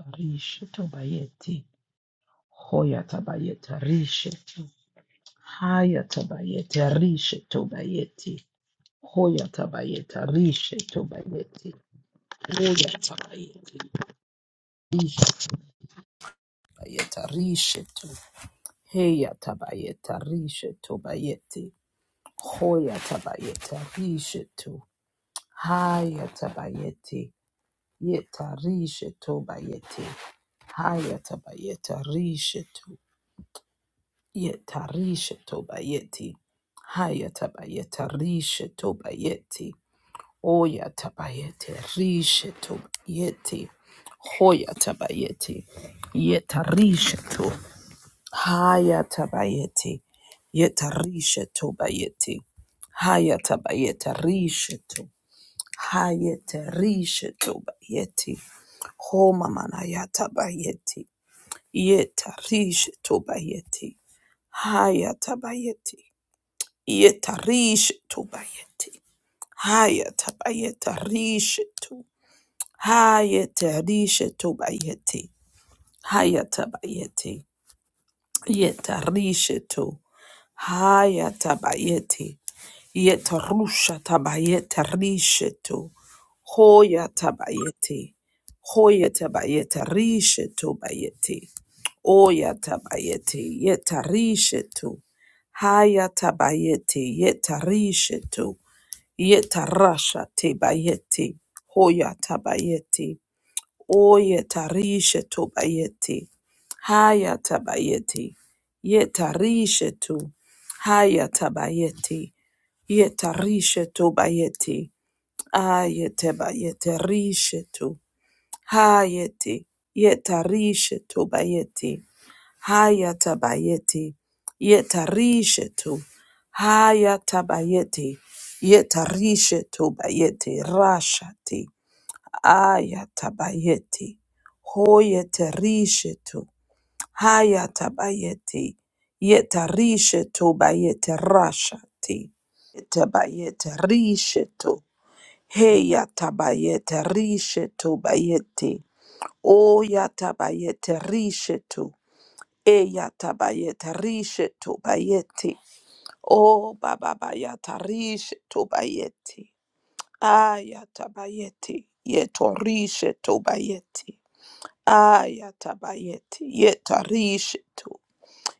Rishetu bayeti. Hoyata bayeti. Rishetu. Hayata bayeti. Rishetu bayeti. Hoyata bayeti. Rishetu bayeti. Hoyata bayeti. Rishetu bayeti. Rishetu. Heyata bayeti. Rishetu bayeti. Hoyata bayeti. Rishetu. Hayata bayeti. Yeta rishetu bayeti. Hayata bayeti. Rishetu. Yetarisha tobayeti. Haya tabayeta risha tobayeti. Oya tabayete risha tobayeti. Hoya tabayeti. Yetarisha to. Haya tabayeti. Yetarisha tobayeti. Haya tabayeta risha to. Haya tarisha tobayeti. Ho mamana ya tabayeti. Yetarish tobayeti. Hayatabayeti. Yetarish tobayeti. Hayatabayetarish to. Hayetarish tobayeti. Hayatabayeti. Yetarish to. Hayatabayeti. Yetarusha tabayete rishetu. Hoya tabayete. Hoya tabayete rishetu bayete. Oya tabayete yetarishetu. Haya tabayete yetarishetu. Yetarasha tabayete. Hoya tabayete. Oye tarishe to bayeti, Haya tabayeti. Ye tarishe tu. Haya tabayeti. Ye tarishe to bayeti, ayete bayete rishe tu. Hayeti. Ye tarishe to bayeti, Haya tabayeti. Ye tarishe tu. Haya tabayeti. Ye tarishe tobayeti. Rashati. Ayatabayeti. Hoyete rishetu. Hayatabayeti. Yeta rishetu bayete rashati. Tabayete rishetu. Heyatabayete rishetu bayeti. Oyatabayete rishetu. Eyatabayete rishetu bayeti. O bababayata rishetu bayeti. Ayatabayeti. Yetorishe bayeti. Ayatabayeti, yetarishetu,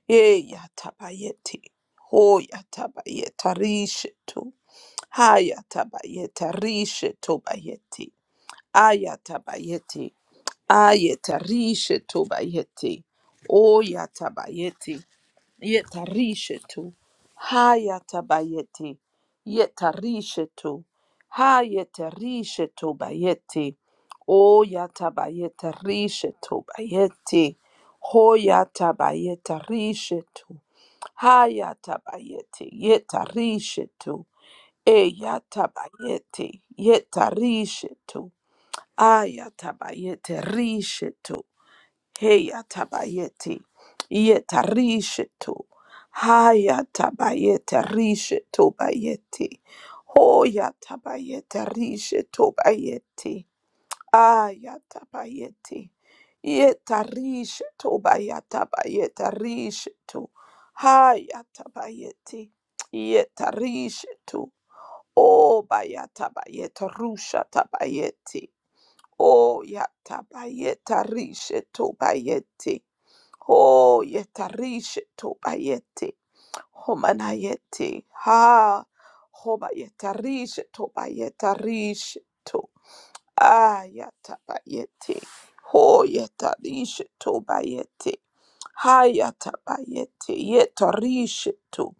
eyatabayeti, hoyatabayetarishetu, hayatabayetarishetu bayeti, ayatabayeti, ayetarishetu bayeti, oyatabayeti, Yetarishetu. Hayatabayeti. Yetarishetu. Hayetarishetu bayeti. O yatabayetarishetu bayeti. Hoyatabayetarishetu. Hayatabayeti. Yetarishetu. E yatabayeti. Yetarishetu. Ayatabayetarishetu. Heya tabayeti, Heyatabayeti. Yetarishetu. Hayatabayete rishetu bayeti. Hoyatabayete rishetu bayeti. Aya tabayeti, Ayatabayeti. Yetarishetu bayatabayete rishetu. Hayatabayeti. Yetarishetu. O bayatabayete rusha tabayeti. O yatabayete rishetu bayeti. Ho yetarish to bayete. Homanayete. Ha. Hobayetarish to bayetarish to. Ayata bayete. Ho yetarish to bayete. Hayata bayete. Yetarish to.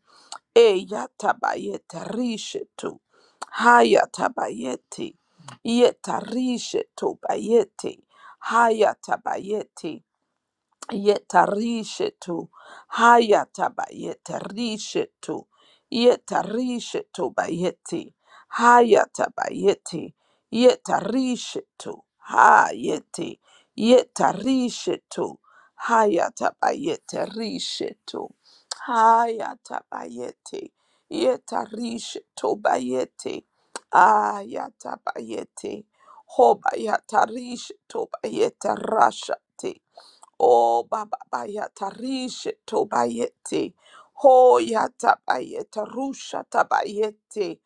Eyata bayete rish to. Hayata bayete. Yetarish to bayete. Hayata yetarishetu hayataba yetarishetu yetarishetu bayeti hayataba yeti yetarishetu hayeti yetarishetu hayataba yetarishetu hayataba yeti yetarishetu bayeti ayataba yeti hoba yatarishetu bayetarashati Oh, baba bayata rishe to bayete. Ho yata bayeta rusha tabayete.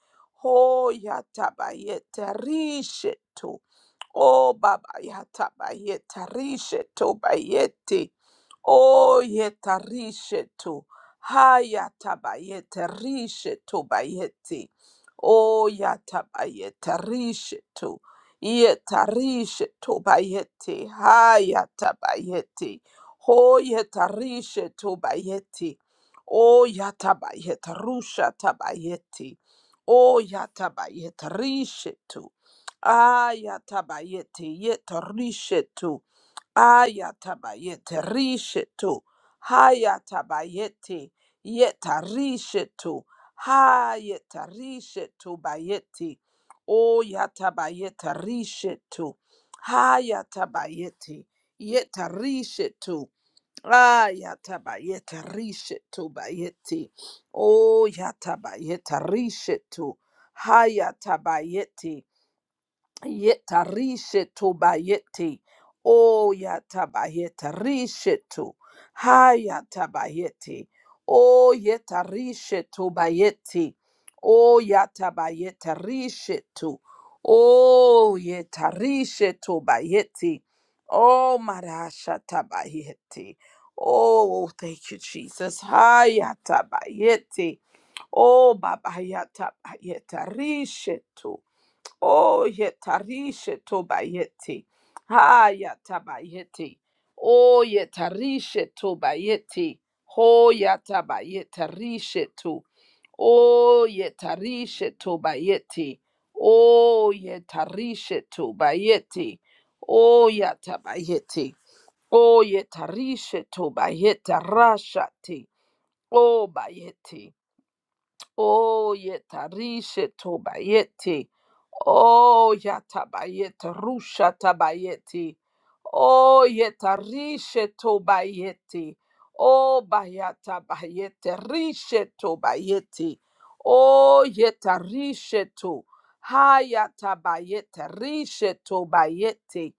Ho yata bayeta rishe to. Oh, baba yata bayeta rishe to bayete. Oh, yeta rishe to. Hayata bayeta rishe to bayete. Oh, yata bayeta rishe to. Yetarish tobayeti. Hayatabayeti. Ho yetarish tobayeti. O yatabayet rusha tabayeti. O yatabayet rishetu. Ayatabayeti yetarishetu. Ayatabayete rishetu. Hayatabayete yeta rishetu. Hayeta rishetu bayeti. O yatabayeta rishetu. Hayatabayete yeta rishetu. Ayatabayete rishetu bayeti. O yatabayeta rishetu. Hayatabayete. Yetarishetu bayeti. O yatabayetarishetu. Hayatabayeti. O yetarishetu bayeti. O yatabayetarishetu. O yetarishetu bayeti. O marashatabayeti. Oh, thank you, Jesus. Hayatabayeti. O babayatabayetarishetu. Oh, yetarishe tobayeti. Haya tabayeti. Oh, yetarishe tobayeti. Ho yatabayetarishe to. Oh, yetarishe tobayeti. Oh, yetarishe tobayeti. Oh, yatabayeti. Oh, yetarishe tobayetarashati. Oh, bayeti. Oh, yetarishe tobayeti. Oh, yatabayeti, rusha tabayeti. Oh, yetarishe tobayeti. Oh, bayatabayeti, rishe tobayeti. Oh, yetarishe to. Hayatabayeti, rishe tobayeti.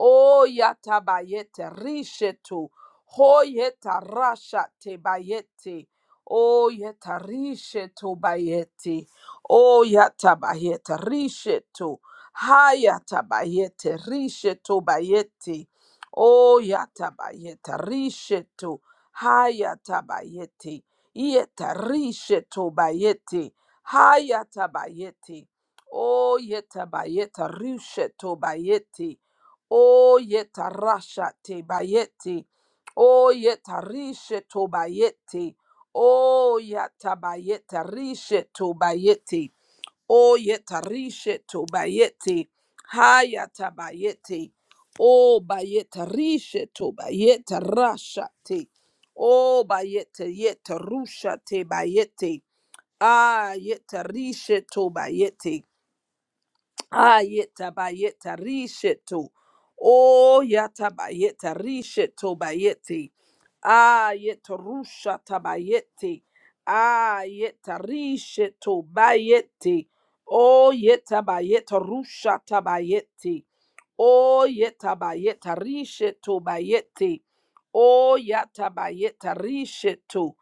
Oh, yatabayeti, rishe to. Hoyetarasha tebayeti. O yetarishe to bayeti. O yatabayete rishe to. Hayatabayete rishe to bayeti. O yatabayete rishe to. Hayatabayete. Yetarishe to bayeti. Hayatabayete. O yetabayete rishe to bayeti. O yetarasha te bayeti. O yetarishe to bayeti. Oh yatabayeta rishe to bayete. Oh yeta rishe to bayete. Hayata bayete. Oh bayeta risheto bayeta rashate. Oh bayete yeta rusha te bayete. Ah yeta rishe to bayete. Ayeta bayeta risheto. Oh yata bayeta risheto bayete. Ayeta rusha tabayete. Ayeta risheto bayete. Oh yeta bayeta rusha tabayete. Oh yeta bayeta risheto bayete. Oh yata bayeta risheto.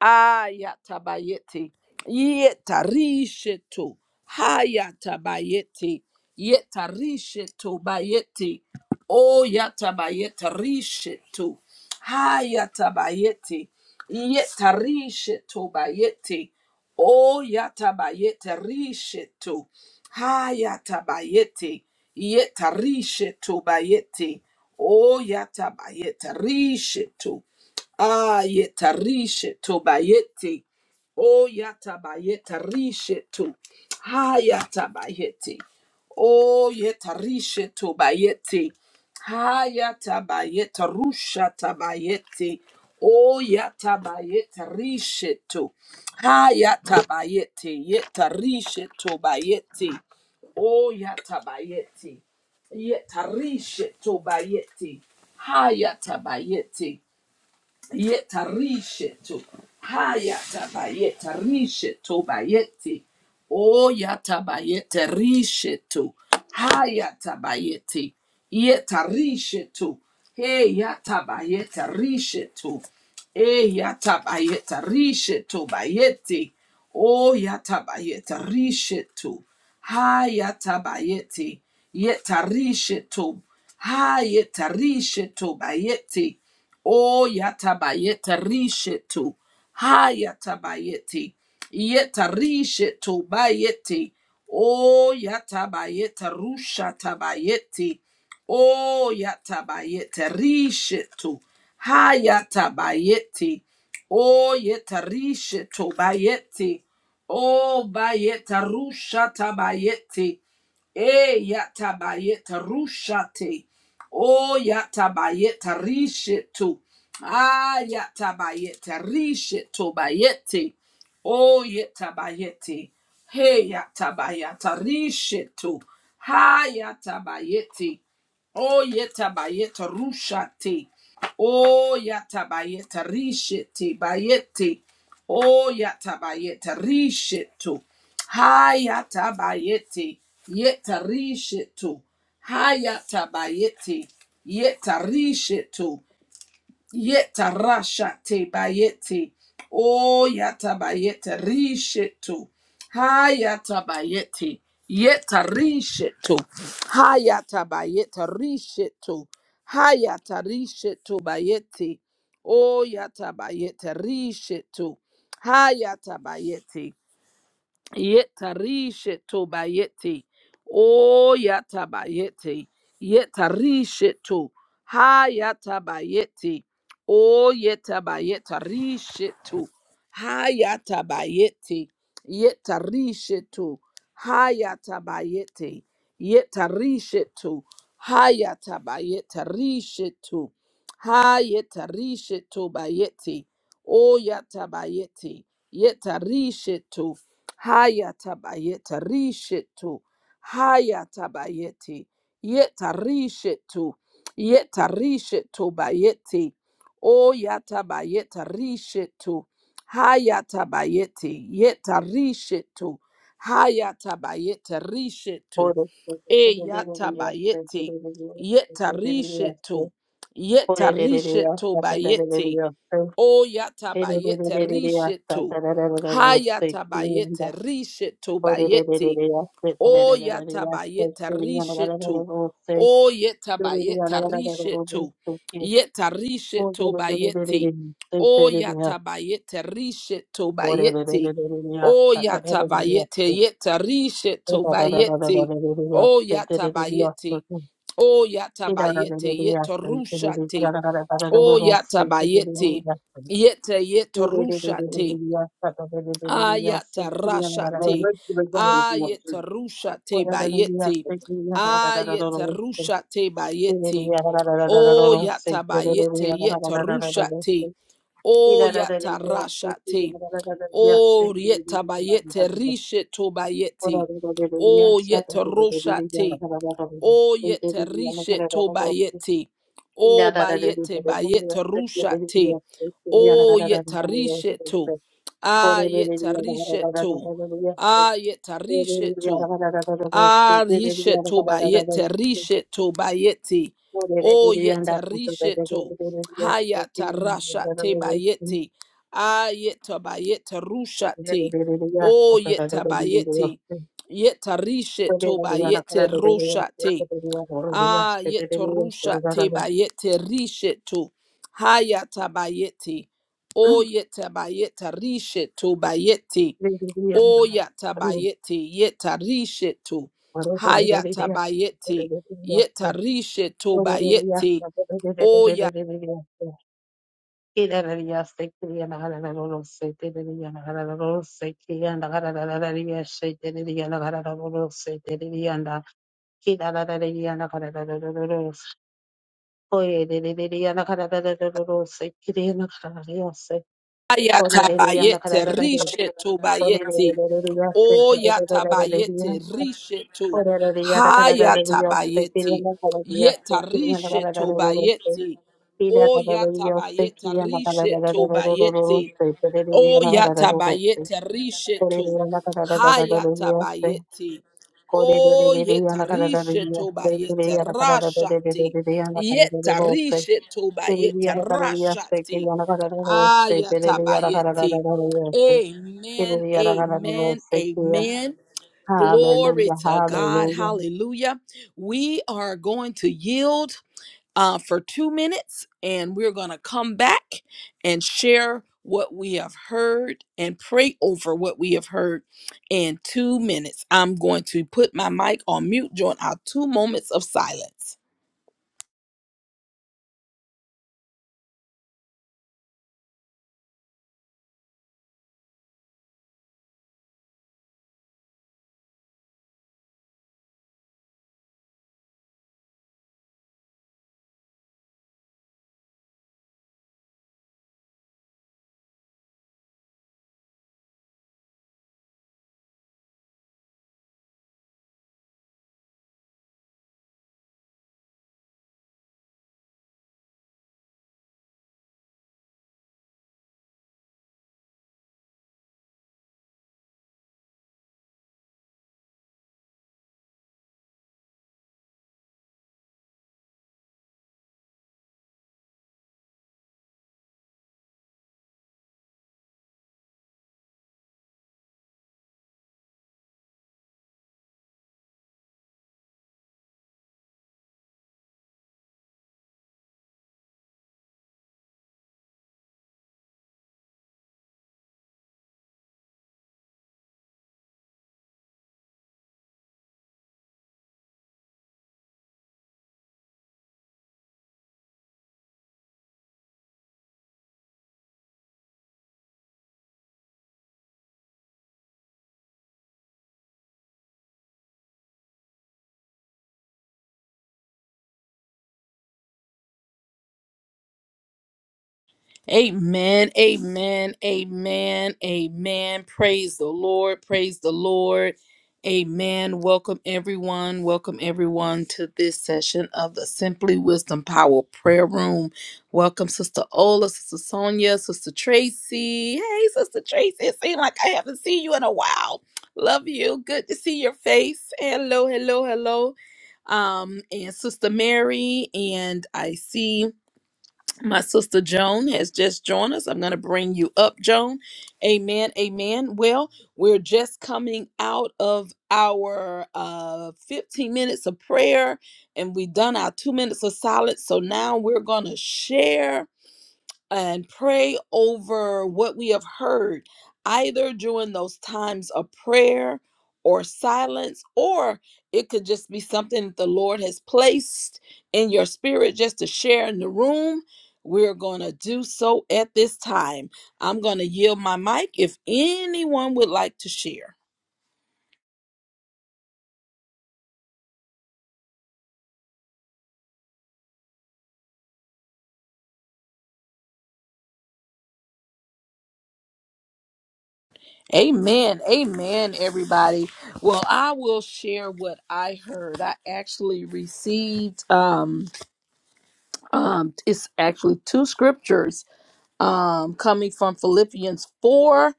Ayata bayete. Yeta risheto. Hayatabayeti. Yetarishetu bayeti. O yatabayetarishetu. Hayatabayeti. Yetarishetu bayeti. Yeta rishetu bayeti. O yatabayetarishetu. Hayatabayeti. Yetarishetu bayeti. Yeta rishetu bayeti. O yatabayetarishetu. Ah, yetarishetu bayeti. O yatabayetarishetu. Hayata bayeti. Oh yetarishe to bayeti. Hayata bayeta rusha tabayeti. o yata bayeta rishe to. Hayata bayeti. Yetarishe to bayeti. Oh yata bayeti. Yetarishe to bayeti. Hayata bayeti yetarishetu hayatabayetarishetu bayeti o oyatabayeterishetu hayatabayeti yetarishetu heyatabayetarishetu eyatabayetarishetu bayeti o oyatabayetarishetu hayatabayeti yetarishetu hayetarishetu bayeti O yatabayeta rishetu. Hayatabayeti. Yeta rishetu bayeti. O yatabayeta rusha tabayeti. O yatabayeta rishetu. Hayatabayeti. O yeta rishetu bayeti. O bayeta rusha tabayeti. E yatabayeta rushate. Oh, yatabayeta rishetu. Ah, yatabayeta rishetu bayete. Oh, yetabayete. Hey, yatabayeta rishetu. Ha, yatabayete. Oh, yetabayeta rushate. Oh, yatabayeta rishete bayete. Oh, yatabayeta rishetu. Ha, yatabayete. Yeta rishetu. Hayatabayeti. Yetarishetu. Yetarashate bayeti. O yatabayete rishetu. Hayatabayeti. Yetarishetu. Hayatabayete rishetu. Hayatarishetu bayeti. O yatabayete rishetu. Hayatabayeti. Yetarishe to bayete. O yatabayete. Yetarishe to. Ha yatabayete. O yetabayeta rishe to. Ha yatabayete. Yetarishe to. Ha yatabayete. Yetarishe to. Ha yatabayeta to. Ha yetarishe to bayete. O yatabayete. Yetarishe to. Hayatabayeta rishetu. Hayatabayeti. Yeta rishetu. Yeta rishetu bayeti. O yatabayeta rishetu. Hayatabayeti. Yeta rishetu. Hayatabayeta rishetu. Ore sete E tebebeliyasta yatabayeti. tebebeliyasta Yeta tebebeliyasta. rishetu. Ore Yeta rishetu tebebeliyasta bayeti. tebebeliyasta. O yatabayete Tebebeliyasta risheto. tebebeliyasta kiyanda. Hayatabayete risheto Ore bayete. tebebeliyasta O tebebeliyasta yatabayete kiyanda risheto. tebebeliyasta. O yetabayete Tebebeliyasta risheto. tebebeliyasta ki. Yeta Ore risheto bayete. tebebeliyasta O tebebeliyasta. yatabayete risheto Ore bayete. O tebebeliyasta tebebeliyasta. yatabayete yeta risheto bayete. O yatabayete. O yatabayete yeta Yes, rushate. Oh yata bayete, yete yeta rushate, ayata rashate, ayeta rushate bayete, ayeta rushate bayete, oh yata bayete yeta rushate, oh yata rashate, oh yeta bayete risheto bayete, oh yeta rushate, oh yeta risheto bayete, oh Hallelujah. bayete bayete rushate. Oh, yetarishetu. Ah, yetarishetu. Ah, yetarishetu. Ah, rishetu bayete, rishetu bayete. Oh, yetarishetu. Hayatarasha te bayete. Ah, yetabayete rusha te. Oh, yetabayete. Yetarishetu bayete rusha te. Ah, yet yetorusha tebayete rishetu. Haya tabayete. O yetabayeta rishetu bayete. O yatabayete yeta rishetu. Haya tabayete yeta Yes, rishetu bayete. O Ayatabayete rishetu bayeti. O yatabayete rishetu. Hayatabayeti. Yeta rishetu bayeti. O Ida da da da yo se yatabayete ki ana da da da da rishetu da ro ro bayeti. ro se te de O de ana da da ro ro se yatabayete ko de rishetu. de ana da da da da da ro yo se Hayatabayeti. ko de de de O de de yeta ana da da da ro rishetu yo se te bayete de ana da da da de de de rashati. de de ana da da ro Yeta ro se rishetu te de bayete ana da da yo se ki rashati. ana da da ro se te de de ana da da da Ayatabayeti. ro yo se ki Amen. de ana da da ro Amen. se ki Amen. Glory Hallelujah, to God. hallelujah. Hallelujah. We are going to yield uh, for two minutes and we're going to come back and share what we have heard and pray over what we have heard in two minutes. I'm going to put my mic on mute during our two moments of silence. Amen. Amen. Amen. Amen. Praise the Lord. Praise the Lord. Amen. Welcome everyone. Welcome everyone to this session of the Simply Wisdom Power Prayer Room. Welcome, Sister Ola, Sister Sonia, Sister Tracy. Hey, Sister Tracy. It seems like I haven't seen you in a while. Love you. Good to see your face. Hello, hello, hello. Um, and Sister Mary, and I see. My sister Joan has just joined us. I'm going to bring you up, Joan. Amen. Amen. Well, we're just coming out of our uh, 15 minutes of prayer and we've done our two minutes of silence. So now we're going to share and pray over what we have heard, either during those times of prayer or silence, or it could just be something that the Lord has placed in your spirit just to share in the room. We're going to do so at this time. I'm going to yield my mic if anyone would like to share. Amen. Amen, everybody. Well, I will share what I heard. I actually received. Um, um, it's actually two scriptures um, coming from Philippians 4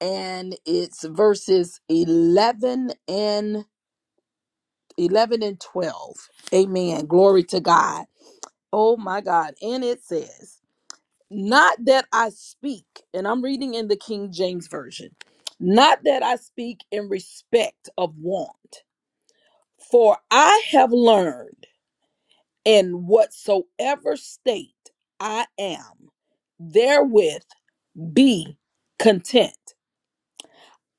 and it's verses 11 and 11 and 12. Amen. Glory to God. Oh my God. And it says, not that I speak, and I'm reading in the King James Version, not that I speak in respect of want, for I have learned in whatsoever state I am therewith Be content.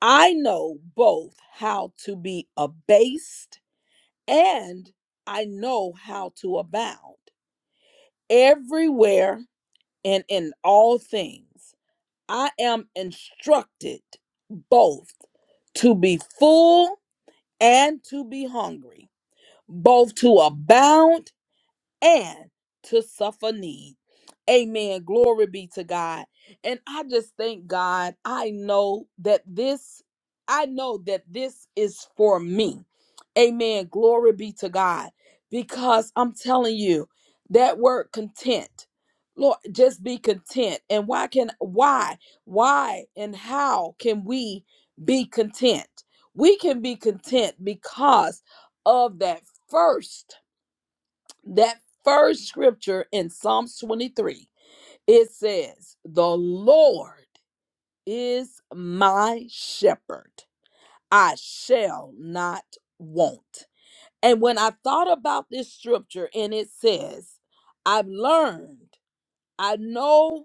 I know both how to be abased and I know how to abound everywhere and in all things. I am instructed both to be full and to be hungry, both to abound and to suffer need. Amen. Glory be to God. And I just thank God. I know that this, I know that this is for me. Amen. Glory be to God. Because I'm telling you, that word content. Lord, just be content. And why can why? Why and how can we be content? We can be content because of that first that first scripture in Psalms 23, it says, The Lord is my shepherd. I shall not want. And when I thought about this scripture, and it says, I've learned, I know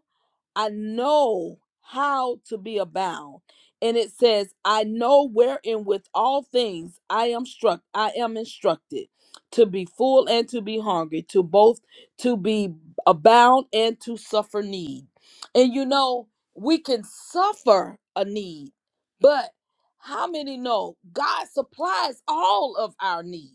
I know how to be abound. And it says, I know wherein with all things I am struck, I am instructed to be full and to be hungry, to both to be abound and to suffer need. And you know, we can suffer a need, but how many know God supplies all of our needs?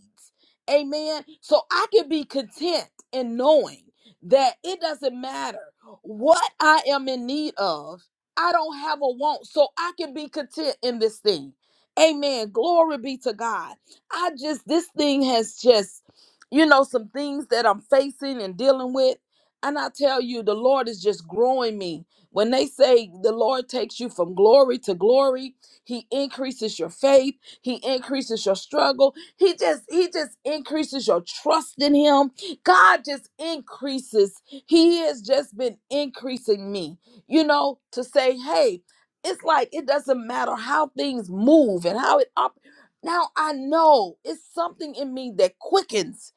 Amen. So I can be content in knowing that it doesn't matter what I am in need of. I don't have a want, so I can be content in this thing. Amen. Glory be to God. I just, this thing has just, you know, some things that I'm facing and dealing with. And I tell you, the Lord is just growing me. When they say the Lord takes you from glory to glory, He increases your faith, He increases your struggle, He just, He just increases your trust in Him. God just increases. He has just been increasing me, you know, to say, hey, it's like it doesn't matter how things move and how it op. Now I know it's something in me that quickens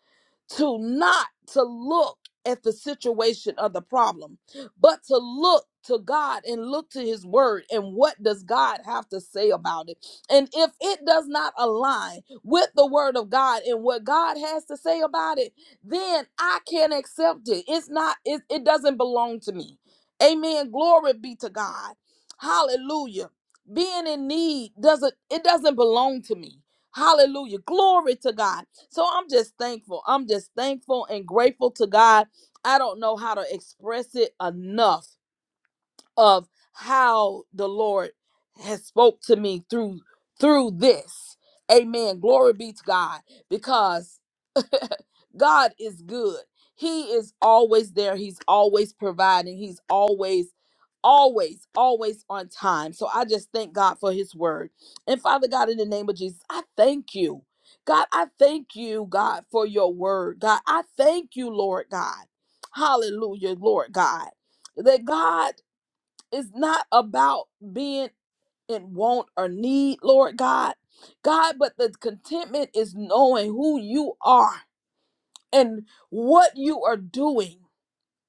to not to look at the situation of the problem, but to look to God and look to his word and what does God have to say about it? And if it does not align with the word of God and what God has to say about it, then I can't accept it. It's not it, it doesn't belong to me. Amen. Glory be to God. Hallelujah. Being in need doesn't it doesn't belong to me. Hallelujah. Glory to God. So I'm just thankful. I'm just thankful and grateful to God. I don't know how to express it enough of how the Lord has spoke to me through through this. Amen. Glory be to God because God is good. He is always there. He's always providing. He's always always always on time. So I just thank God for his word. And Father God in the name of Jesus, I thank you. God, I thank you, God, for your word. God, I thank you, Lord God. Hallelujah, Lord God. That God it's not about being in want or need, Lord God. God, but the contentment is knowing who you are and what you are doing.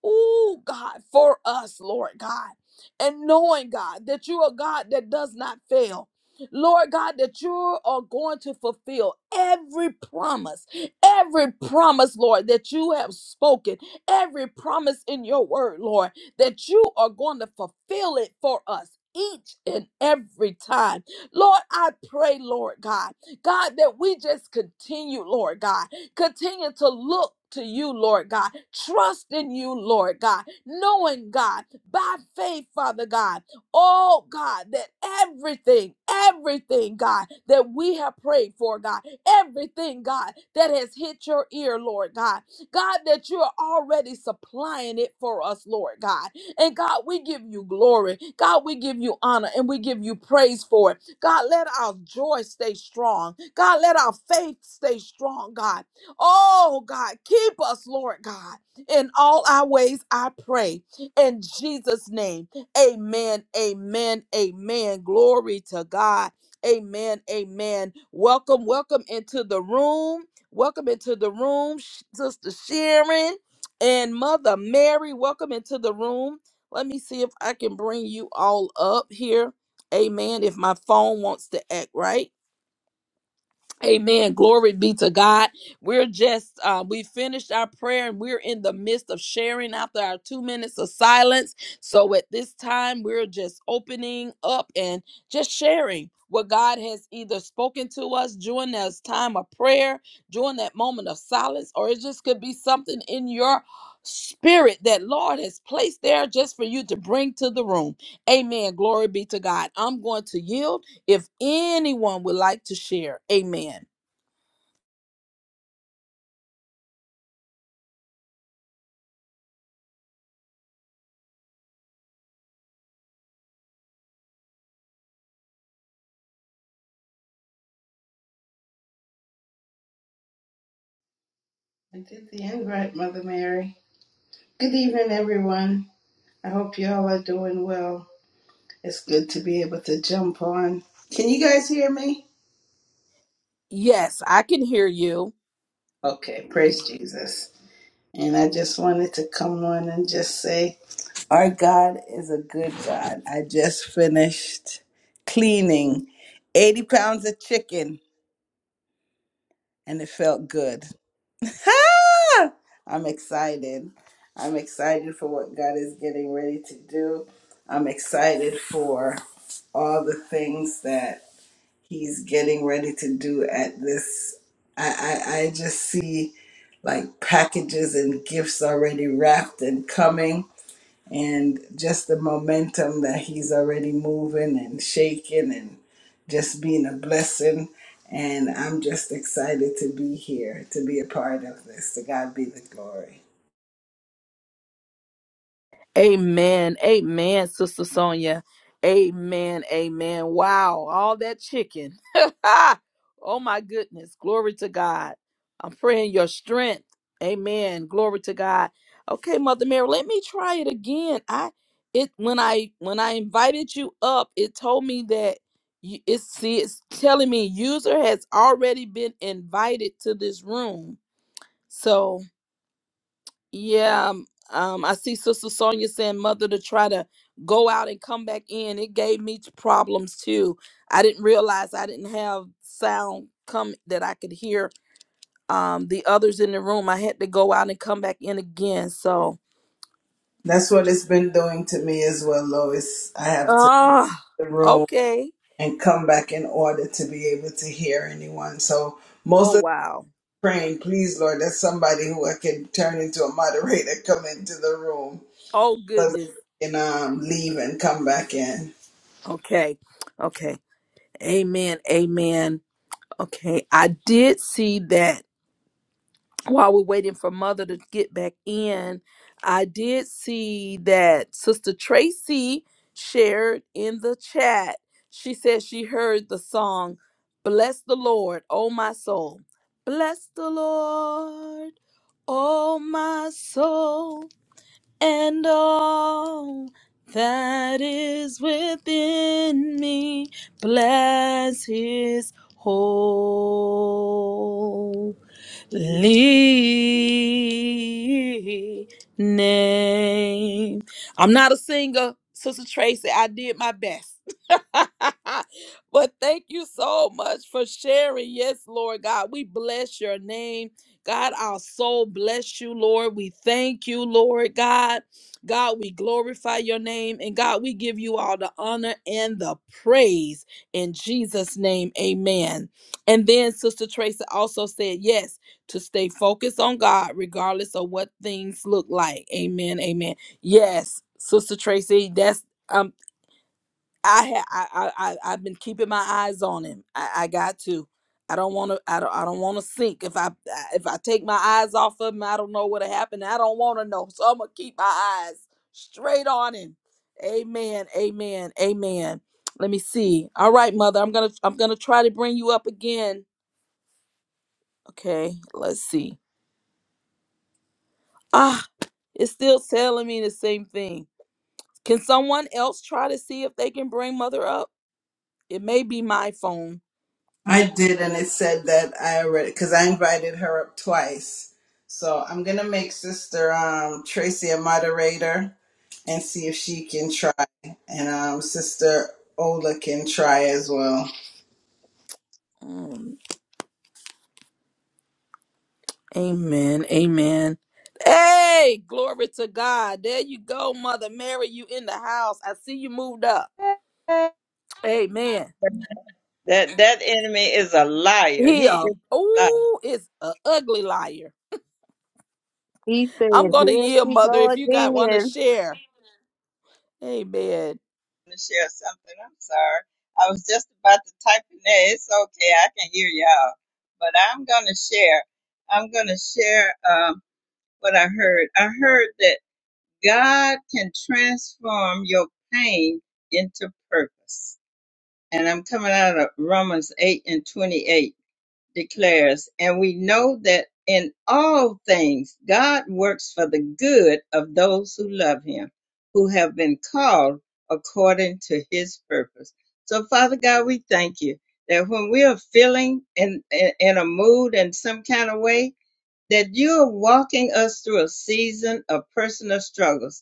Oh, God, for us, Lord God. And knowing, God, that you are God that does not fail. Lord God, that you are going to fulfill every promise, every promise, Lord, that you have spoken, every promise in your word, Lord, that you are going to fulfill it for us each and every time. Lord, I pray, Lord God, God, that we just continue, Lord God. Continue to look to you, Lord God. Trust in you, Lord God. Knowing, God, by faith, Father God, oh God, that everything, everything, God, that we have prayed for, God, everything, God, that has hit your ear, Lord God, God, that you are already supplying it for us, Lord God. And God, we give you glory. God, we give you honor and we give you praise for it. God, let our joy stay strong. God, let our faith stay strong, God. Oh God, keep us, Lord God, in all our ways, I pray. In Jesus' name, amen, amen, amen. Glory to God. Amen, amen. Welcome, welcome into the room. Welcome into the room, Sh- Sister Sharon and Mother Mary. Welcome into the room. Let me see if I can bring you all up here. Amen. If my phone wants to act right. Amen. Glory be to God. We're just, uh, we finished our prayer and we're in the midst of sharing after our two minutes of silence. So at this time, we're just opening up and just sharing what God has either spoken to us during this time of prayer, during that moment of silence, or it just could be something in your spirit that Lord has placed there just for you to bring to the room. Amen. Glory be to God. I'm going to yield. If anyone would like to share, amen. I did the end right, Mother Mary. Good evening, everyone. I hope you all are doing well. It's good to be able to jump on. Can you guys hear me? Yes, I can hear you. Okay, praise Jesus. And I just wanted to come on and just say, our God is a good God. I just finished cleaning 80 pounds of chicken and it felt good. Ah! I'm excited. I'm excited for what God is getting ready to do. I'm excited for all the things that He's getting ready to do at this. I, I, I just see like packages and gifts already wrapped and coming and just the momentum that he's already moving and shaking and just being a blessing. And I'm just excited to be here, to be a part of this. To God be the glory. Amen. Amen, Sister Sonia. Amen. Amen. Wow. All that chicken. oh, my goodness. Glory to God. I'm praying your strength. Amen. Glory to God. Okay, Mother Mary, let me try it again. I it when I when I invited you up, it told me that you, it's see it's telling me user has already been invited to this room. So yeah, um, um, I see Sister Sonia saying mother to try to go out and come back in. It gave me t- problems too. I didn't realize I didn't have sound come that I could hear um the others in the room. I had to go out and come back in again. So, That's what it's been doing to me as well, Lois. I have to ah, leave the room okay. and come back in order to be able to hear anyone. So Oh most of wow. the praying, please, Lord, that's somebody who I can turn into a moderator, come into the room Oh so that goodness. I can um, leave and come back in. Okay. Okay. Amen. Amen. Okay. I did see that while we're waiting for mother to get back in, I did see that Sister Tracy shared in the chat. She said she heard the song, Bless the Lord, oh my soul. Bless the Lord, oh my soul, and all that is within me. Bless his whole name. I'm not a singer, Sister Tracy. I did my best. but thank you so much for sharing. Yes, Lord God, we bless your name. God, our soul bless you, Lord. We thank you, Lord God. God, we glorify your name. And God, we give you all the honor and the praise in Jesus' name. Amen. And then Sister Tracy also said, Yes to stay focused on God regardless of what things look like. Amen. Amen. Yes, Sister Tracy, that's um I ha- I I I- I've been keeping my eyes on him. I, I got to. I don't want to. I don't. I don't want to sink. If I I- if I take my eyes off of him, I don't know what'll happen. I don't want to know. So I'm gonna keep my eyes straight on him. Amen. Amen. Amen. Let me see. All right, mother. I'm gonna I'm gonna try to bring you up again. Okay. Let's see. Ah, It's still telling me the same thing. Can someone else try to see if they can bring mother up? It may be my phone. I did, and it said that I already because I invited her up twice. So I'm gonna make Sister um, Tracy a moderator and see if she can try, and um, Sister Ola can try as well. Um, amen. Amen. Hey, glory to God. There you go, Mother Mary. You in the house. I see you moved up. Amen. That that enemy is a liar. He He is uh a liar. I'm oh is a ugly liar. He I'm said, gonna Here yield, she mother, go if you got wanna again. share. Amen. gonna share something. I'm sorry. I was just about to type in there. It's okay. I can hear y'all. But I'm gonna share. I'm gonna share um, what I heard. I heard that God can transform your pain into purpose. And I'm coming out of Romans 8 and 28. declares, and we know that in all things God works for the good of those who love him, who have been called according to his purpose. So, Father God, we thank you that when we are feeling in, in, in a mood in some kind of way, that you are walking us through a season of personal struggles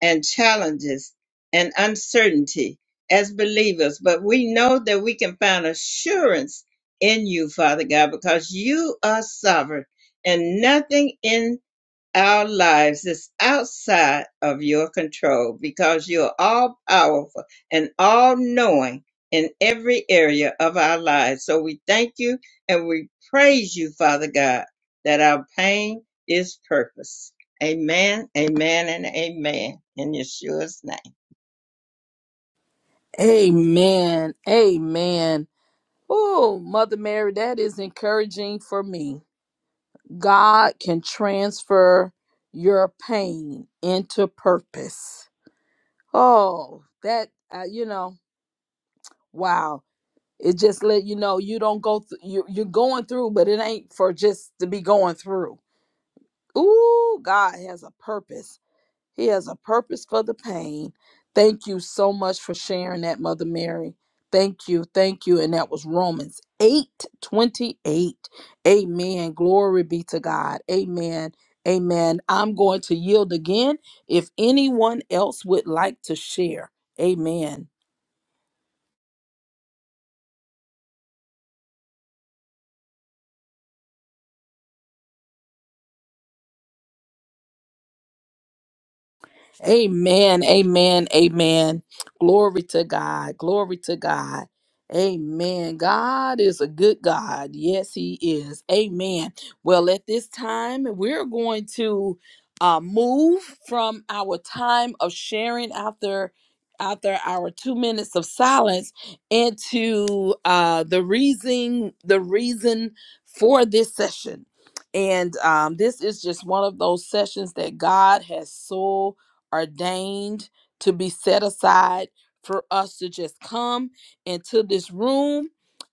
and challenges and uncertainty as believers, but we know that we can find assurance in you, Father God, because you are sovereign and nothing in our lives is outside of your control because you're all powerful and all knowing in every area of our lives. So we thank you and we praise you, Father God, that our pain is purpose. Amen, amen, and amen. In Yeshua's name. Amen. Amen. Oh, Mother Mary, that is encouraging for me. God can transfer your pain into purpose. Oh, that uh, you know, wow. It just let you know you don't go through you you're going through, but it ain't for just to be going through. Ooh, God has a purpose he has a purpose for the pain. Thank you so much for sharing that, Mother Mary. Thank you. Thank you. And that was Romans 8 28. Amen. Glory be to God. Amen. Amen. I'm going to yield again if anyone else would like to share. Amen. Amen. Amen. Amen. Glory to God. Glory to God. Amen. God is a good God. Yes, He is. Amen. Well, at this time, we're going to uh, move from our time of sharing after after our two minutes of silence into uh, the reason the reason for this session. And um, this is just one of those sessions that God has so ordained to be set aside for us to just come into this room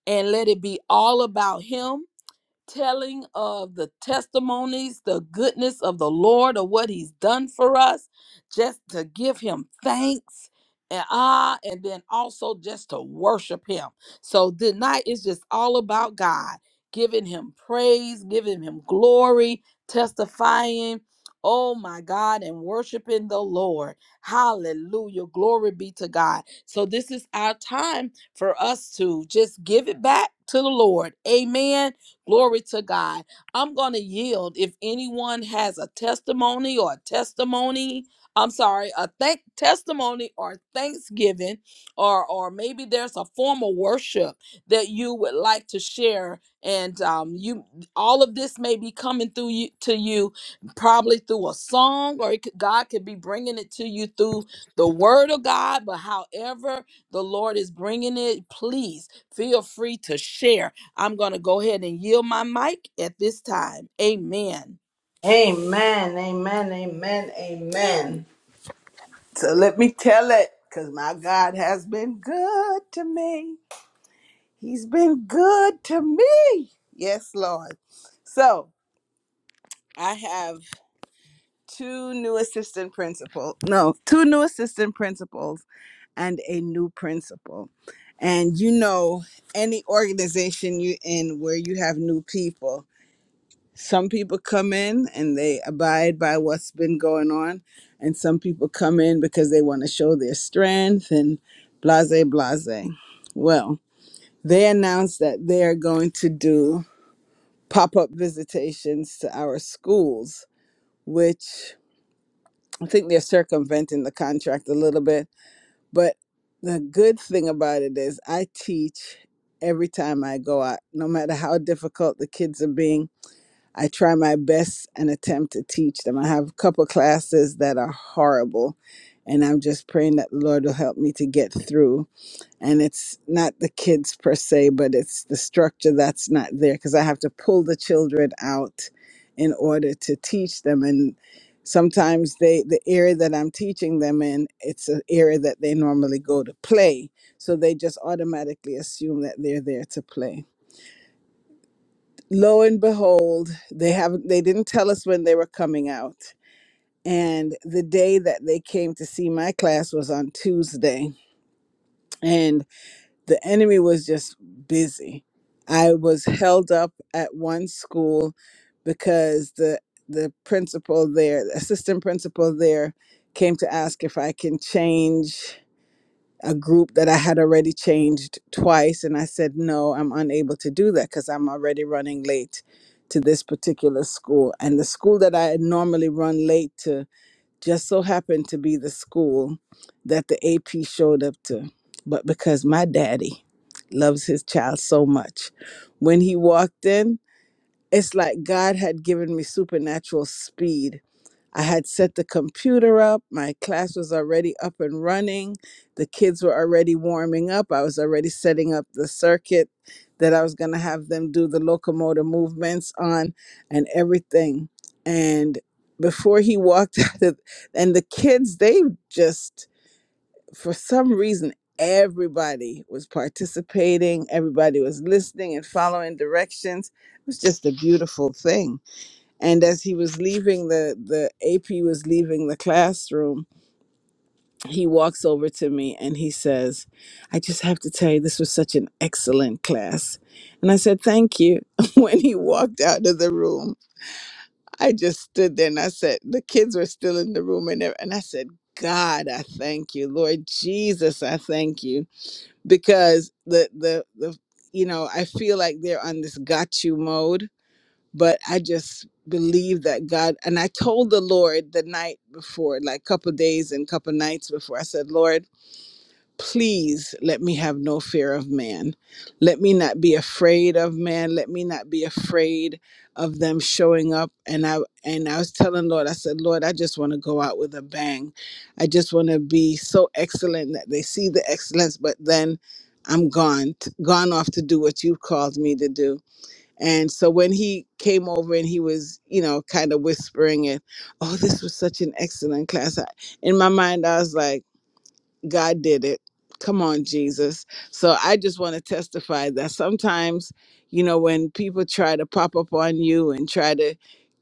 and let it be all about him telling of the testimonies, the goodness of the Lord, of what He's done for us, just to give Him thanks. And ah, and then also just to worship him. So tonight is just all about God, giving him praise, giving him glory, testifying, oh my God, and worshiping the Lord. Hallelujah. Glory be to God. So this is our time for us to just give it back to the Lord. Amen Glory to God. I'm going to yield if anyone has a testimony or a testimony. I'm sorry, a thank testimony or thanksgiving, or or maybe there's a form of worship that you would like to share, and um, you all of this may be coming through you to you, probably through a song, or it could, God could be bringing it to you through the Word of God. But however the Lord is bringing it, please feel free to share I'm going to go ahead and yield my mic at this time. Amen. Amen, amen, amen, amen. So let me tell it, because my God has been good to me. He's been good to me. Yes, Lord. So I have. two new assistant principal no two new assistant principals and a new principal and you know any organization you in where you have new people some people come in and they abide by what's been going on and some people come in because they want to show their strength and blase blase well they announced that they are going to do pop-up visitations to our schools which I think they're circumventing the contract a little bit. But the good thing about it is, I teach every time I go out, no matter how difficult the kids are being. I try my best and attempt to teach them. I have a couple classes that are horrible, and I'm just praying that the Lord will help me to get through and it's not the kids per se but it's the structure that's not there because i have to pull the children out in order to teach them and sometimes they the area that i'm teaching them in it's an area that they normally go to play so they just automatically assume that they're there to play lo and behold they haven't they didn't tell us when they were coming out and the day that they came to see my class was on tuesday and the enemy was just busy. I was held up at one school because the the principal there, the assistant principal there, came to ask if I can change a group that I had already changed twice, and I said no, I'm unable to do that because I'm already running late to this particular school, and the school that I normally run late to just so happened to be the school that the AP showed up to. But because my daddy loves his child so much, when he walked in, it's like God had given me supernatural speed. I had set the computer up. My class was already up and running. The kids were already warming up. I was already setting up the circuit that I was going to have them do the locomotor movements on and everything. And before he walked out of, and the kids, they just for some reason everybody was participating everybody was listening and following directions it was just a beautiful thing and as he was leaving the the ap was leaving the classroom he walks over to me and he says i just have to tell you this was such an excellent class and i said thank you when he walked out of the room i just stood there and i said the kids were still in the room and, ev- and i said god i thank you lord jesus i thank you because the the the you know I feel like they're on this got you mode, but I just believe that God and I told the Lord the night before, like couple days and couple nights before, I said, Lord. Please let me have no fear of man. Let me not be afraid of man. Let me not be afraid of them showing up. And I and I was telling Lord, I said, Lord, I just want to go out with a bang. I just want to be so excellent that they see the excellence, but then I'm gone, t- gone off to do what you've called me to do. And so when he came over and he was, you know, kind of whispering it, oh, this was such an excellent class. I, in my mind, I was like. God did it. Come on, Jesus. So I just want to testify that sometimes, you know, when people try to pop up on you and try to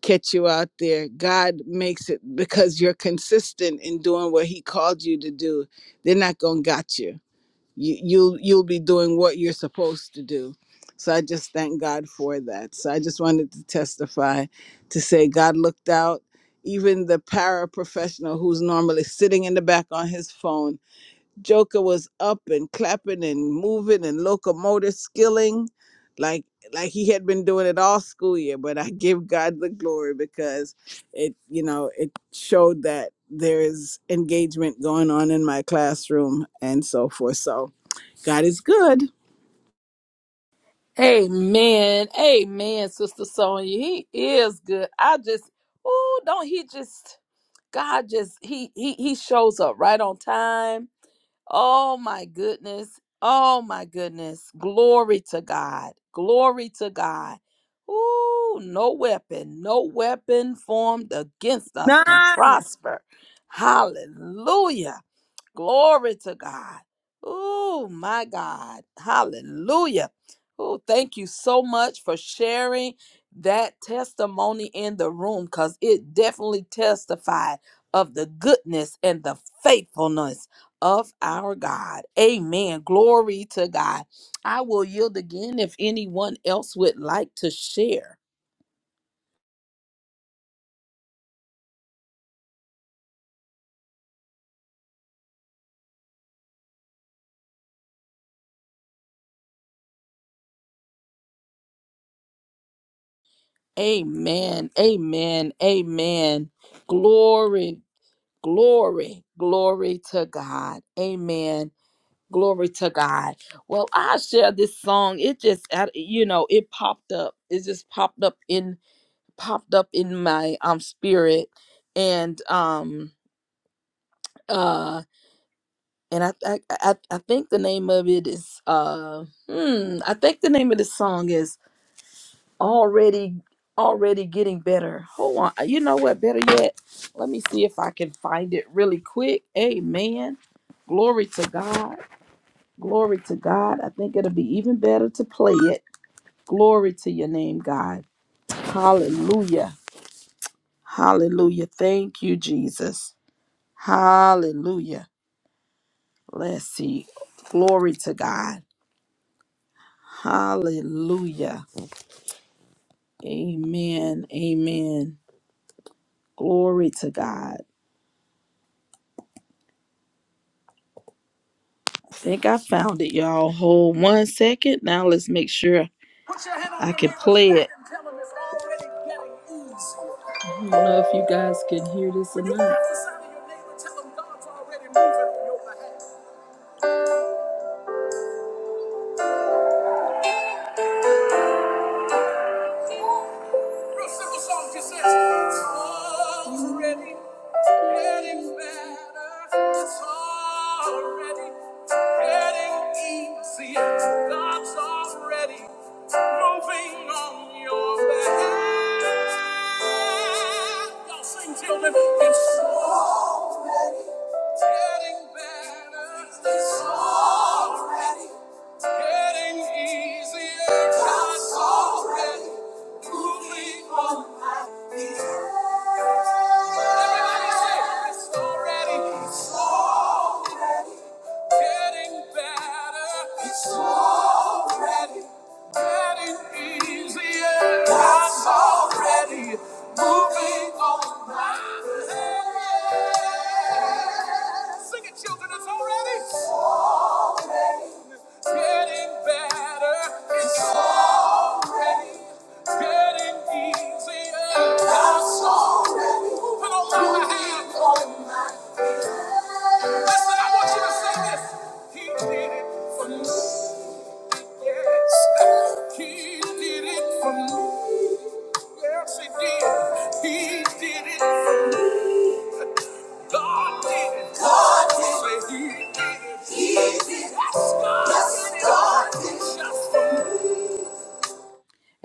catch you out there, God makes it because you're consistent in doing what He called you to do. They're not gonna got you. You you'll you'll be doing what you're supposed to do. So I just thank God for that. So I just wanted to testify to say God looked out. Even the paraprofessional who's normally sitting in the back on his phone Joker was up and clapping and moving and locomotive skilling like like he had been doing it all school year but I give God the glory because it you know it showed that there is engagement going on in my classroom and so forth so God is good Amen. Amen, Sister Sonia. He is good. I just, oh, don't he just, God just, he, he, he shows up right on time. Oh my goodness. Oh my goodness. Glory to God. Glory to God. Ooh, no weapon, no weapon formed against us can none prosper. Hallelujah. Glory to God. Oh, my God. Hallelujah. Oh, thank you so much for sharing that testimony in the room because it definitely testified of the goodness and the faithfulness of our God. Amen. Glory to God. I will yield again if anyone else would like to share. Amen. Amen. Amen. Glory. Glory, glory to God. Amen. Glory to God. Well, I share this song. It just, I- you know, it popped up. It just popped up in popped up in my um spirit, and um uh and I I I, I think the name of it is uh hmm I think the name of the song is already already getting better. Hold on. Uh, You know what? Better yet, let me see if I can find it really quick. Amen. Glory to God. Glory to God. I think it'll be even better to play it. Glory to your name, God. Hallelujah. Hallelujah. Thank you, Jesus. Hallelujah. Let's see. Glory to God. Hallelujah. Amen. Amen. Glory to God. think I found it, y'all. Hold one second. Now let's make sure Put your hand on I your can neighbor's play back it. and tell 'em it's already getting easy. I don't know if you guys can hear this or When you go not. outside of your neighbor, tell 'em God's already moving on your behalf. Real simple song just says, It's already getting better. It's already getting easier. God's already moving on your behalf. Y'all sing, children. It's already getting better. It's already it's not so Moving on my feet. Everybody Sing it, children, it's already. It's getting better. It's already getting easier. That's already Put on my hand. on my hand. Listen, I want you to say this. He did it for me. Yes. He did it for me. Yes, he did. He did it for me. God did it. God did it. Say he did it. He did it. Yes, God Yes, did it. God did it. Just for me.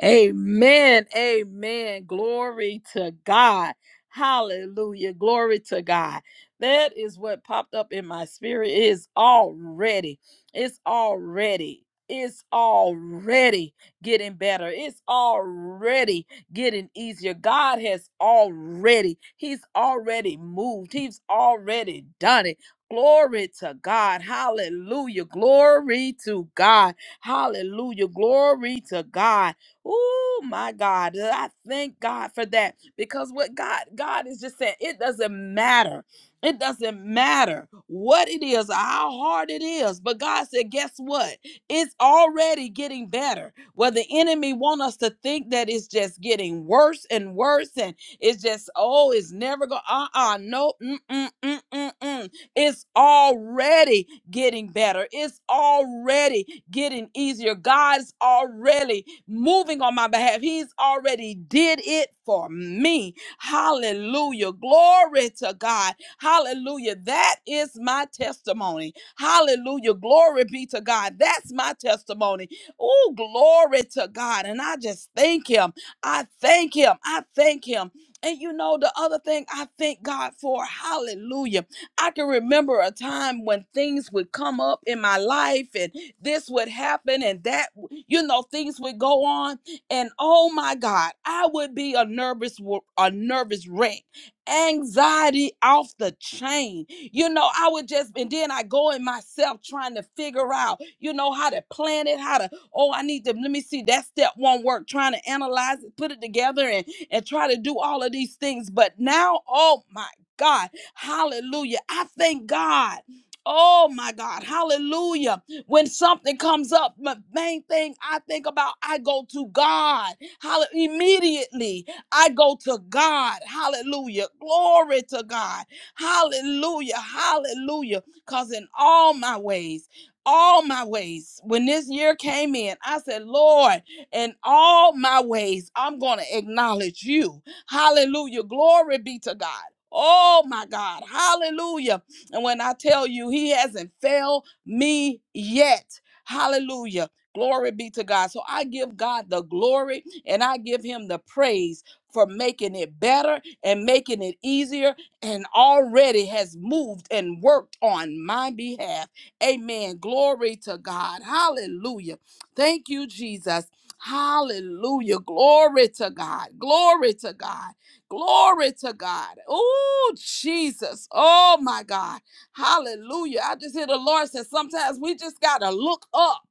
Amen. Amen. Glory to God. Hallelujah. Glory to God. That is what popped up in my spirit. It is already, it's already, it's already getting better. It's already getting easier. God has already, He's already moved. He's already done it. Glory to God. Hallelujah. Glory to God. Hallelujah. Glory to God. Oh my God. I thank God for that. Because what God, God is just saying, it doesn't matter. It doesn't matter what it is, how hard it is. But God said, guess what? It's already getting better. Well, the enemy want us to think that it's just getting worse and worse, and it's just, oh, it's never going, uh-uh, no, mm-mm-mm-mm-mm. It's already getting better. It's already getting easier. God's already moving on my behalf. He's already did it for me. Hallelujah. Glory to God. Hallelujah. That is my testimony. Hallelujah. Glory be to God. That's my testimony. Oh, glory to God. And I just thank him. I thank him. I thank him. And you know, the other thing I thank God for, hallelujah. I can remember a time when things would come up in my life and this would happen and that, you know, things would go on. And oh my God, I would be a nervous, wo- a nervous wreck, anxiety off the chain. You know, I would just, and then I go in myself trying to figure out, you know, how to plan it, how to, oh, I need to, let me see, that step won't work, trying to analyze it, put it together and, and try to do all of these things. But now, oh my God Hallelujah. I thank God. Oh my God. Hallelujah. When something comes up, my main thing I think about, I go to God. Hallelujah. Immediately, I go to God. Hallelujah. Glory to God. Hallelujah. Hallelujah. Because in all my ways, all my ways, when this year came in, I said, Lord, in all my ways, I'm going to acknowledge you. Hallelujah. Glory be to God. Oh my God. Hallelujah. And when I tell you, He hasn't failed me yet. Hallelujah. Glory be to God. So I give God the glory and I give Him the praise for making it better and making it easier and already has moved and worked on my behalf. Amen. Glory to God. Hallelujah. Thank you, Jesus. Hallelujah. Glory to God. Glory to God. Glory to God. Oh, Jesus. Oh, my God. Hallelujah. I just hear the Lord say sometimes we just got to look up.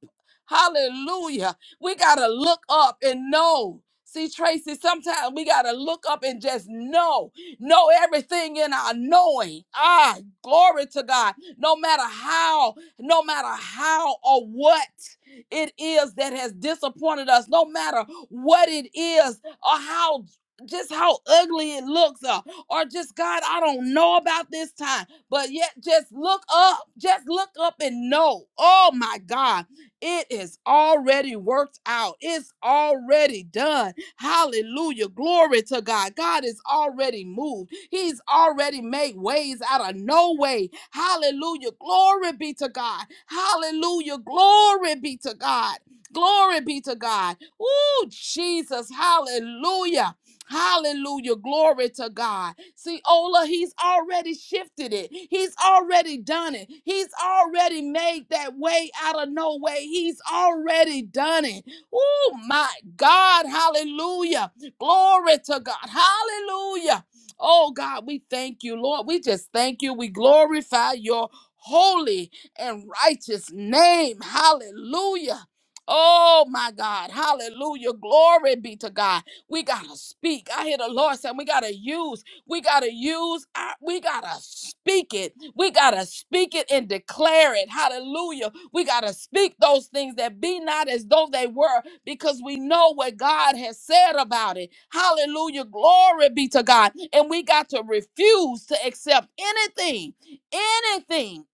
Hallelujah. We got to look up and know. See, Tracy, sometimes we got to look up and just know. Know everything in our knowing. Ah, glory to God. No matter how, no matter how or what it is that has disappointed us, no matter what it is or how just how ugly it looks uh, or just god i don't know about this time but yet just look up just look up and know oh my god it is already worked out it's already done hallelujah glory to god god is already moved he's already made ways out of no way hallelujah glory be to god hallelujah glory be to god glory be to god Ooh, jesus hallelujah Hallelujah. Glory to God. See, Ola, he's already shifted it. He's already done it. He's already made that way out of no way. He's already done it. Oh, my God. Hallelujah. Glory to God. Hallelujah. Oh, God, we thank you, Lord. We just thank you. We glorify your holy and righteous name. Hallelujah. Oh, my God. Hallelujah. Glory be to God. We gotta speak. I hear the Lord saying we gotta use. We gotta use. Our, we gotta speak it. We gotta speak it and declare it. Hallelujah. We gotta speak those things that be not as though they were, because we know what God has said about it. Hallelujah. Glory be to God. And we got to refuse to accept anything, anything.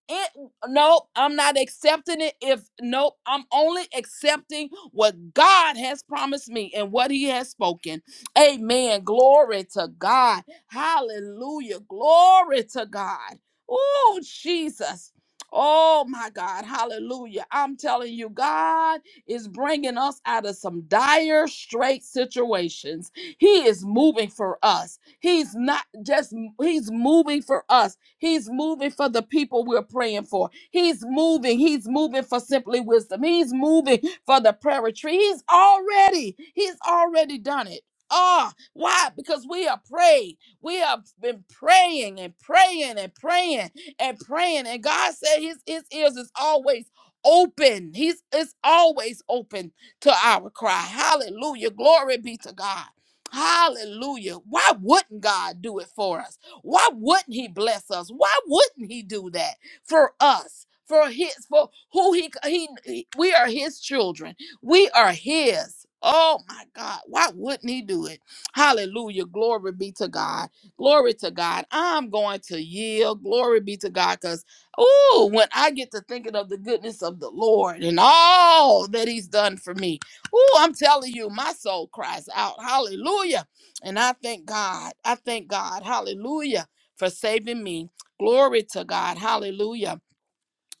Nope, I'm not accepting it. If nope, I'm only accepting what God has promised me and what He has spoken. Amen. Glory to God. Hallelujah. Glory to God. Oh, Jesus. Oh my God, hallelujah. I'm telling you, God is bringing us out of some dire, straight situations. He is moving for us. He's not just, He's moving for us. He's moving for the people we're praying for. He's moving. He's moving for simply wisdom. He's moving for the prayer retreat. He's already, he's already done it. Ah, why? Because we are prayed. We have been praying and praying and praying and praying. And God said his, his ears is always open. He's it's always open to our cry. Hallelujah. Glory be to God. Hallelujah. Why wouldn't God do it for us? Why wouldn't he bless us? Why wouldn't he do that for us? For his for who he he he- we are his children. We are his. Oh my God. Why wouldn't he do it? Hallelujah. Glory be to God. Glory to God. I'm going to yield. Glory be to God. Because oh, when I get to thinking of the goodness of the Lord and all that he's done for me, Oh, I'm telling you, my soul cries out, hallelujah. And I thank God. I thank God. Hallelujah for saving me. Glory to God. Hallelujah.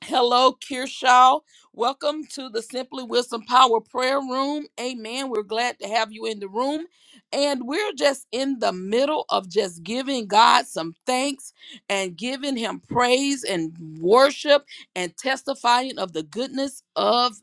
Hello, Kirshaw. Welcome to the Simply Wisdom Power Prayer Room. Amen. We're glad to have you in the room. And we're just in the middle of just giving God some thanks and giving Him praise and worship and testifying of the goodness of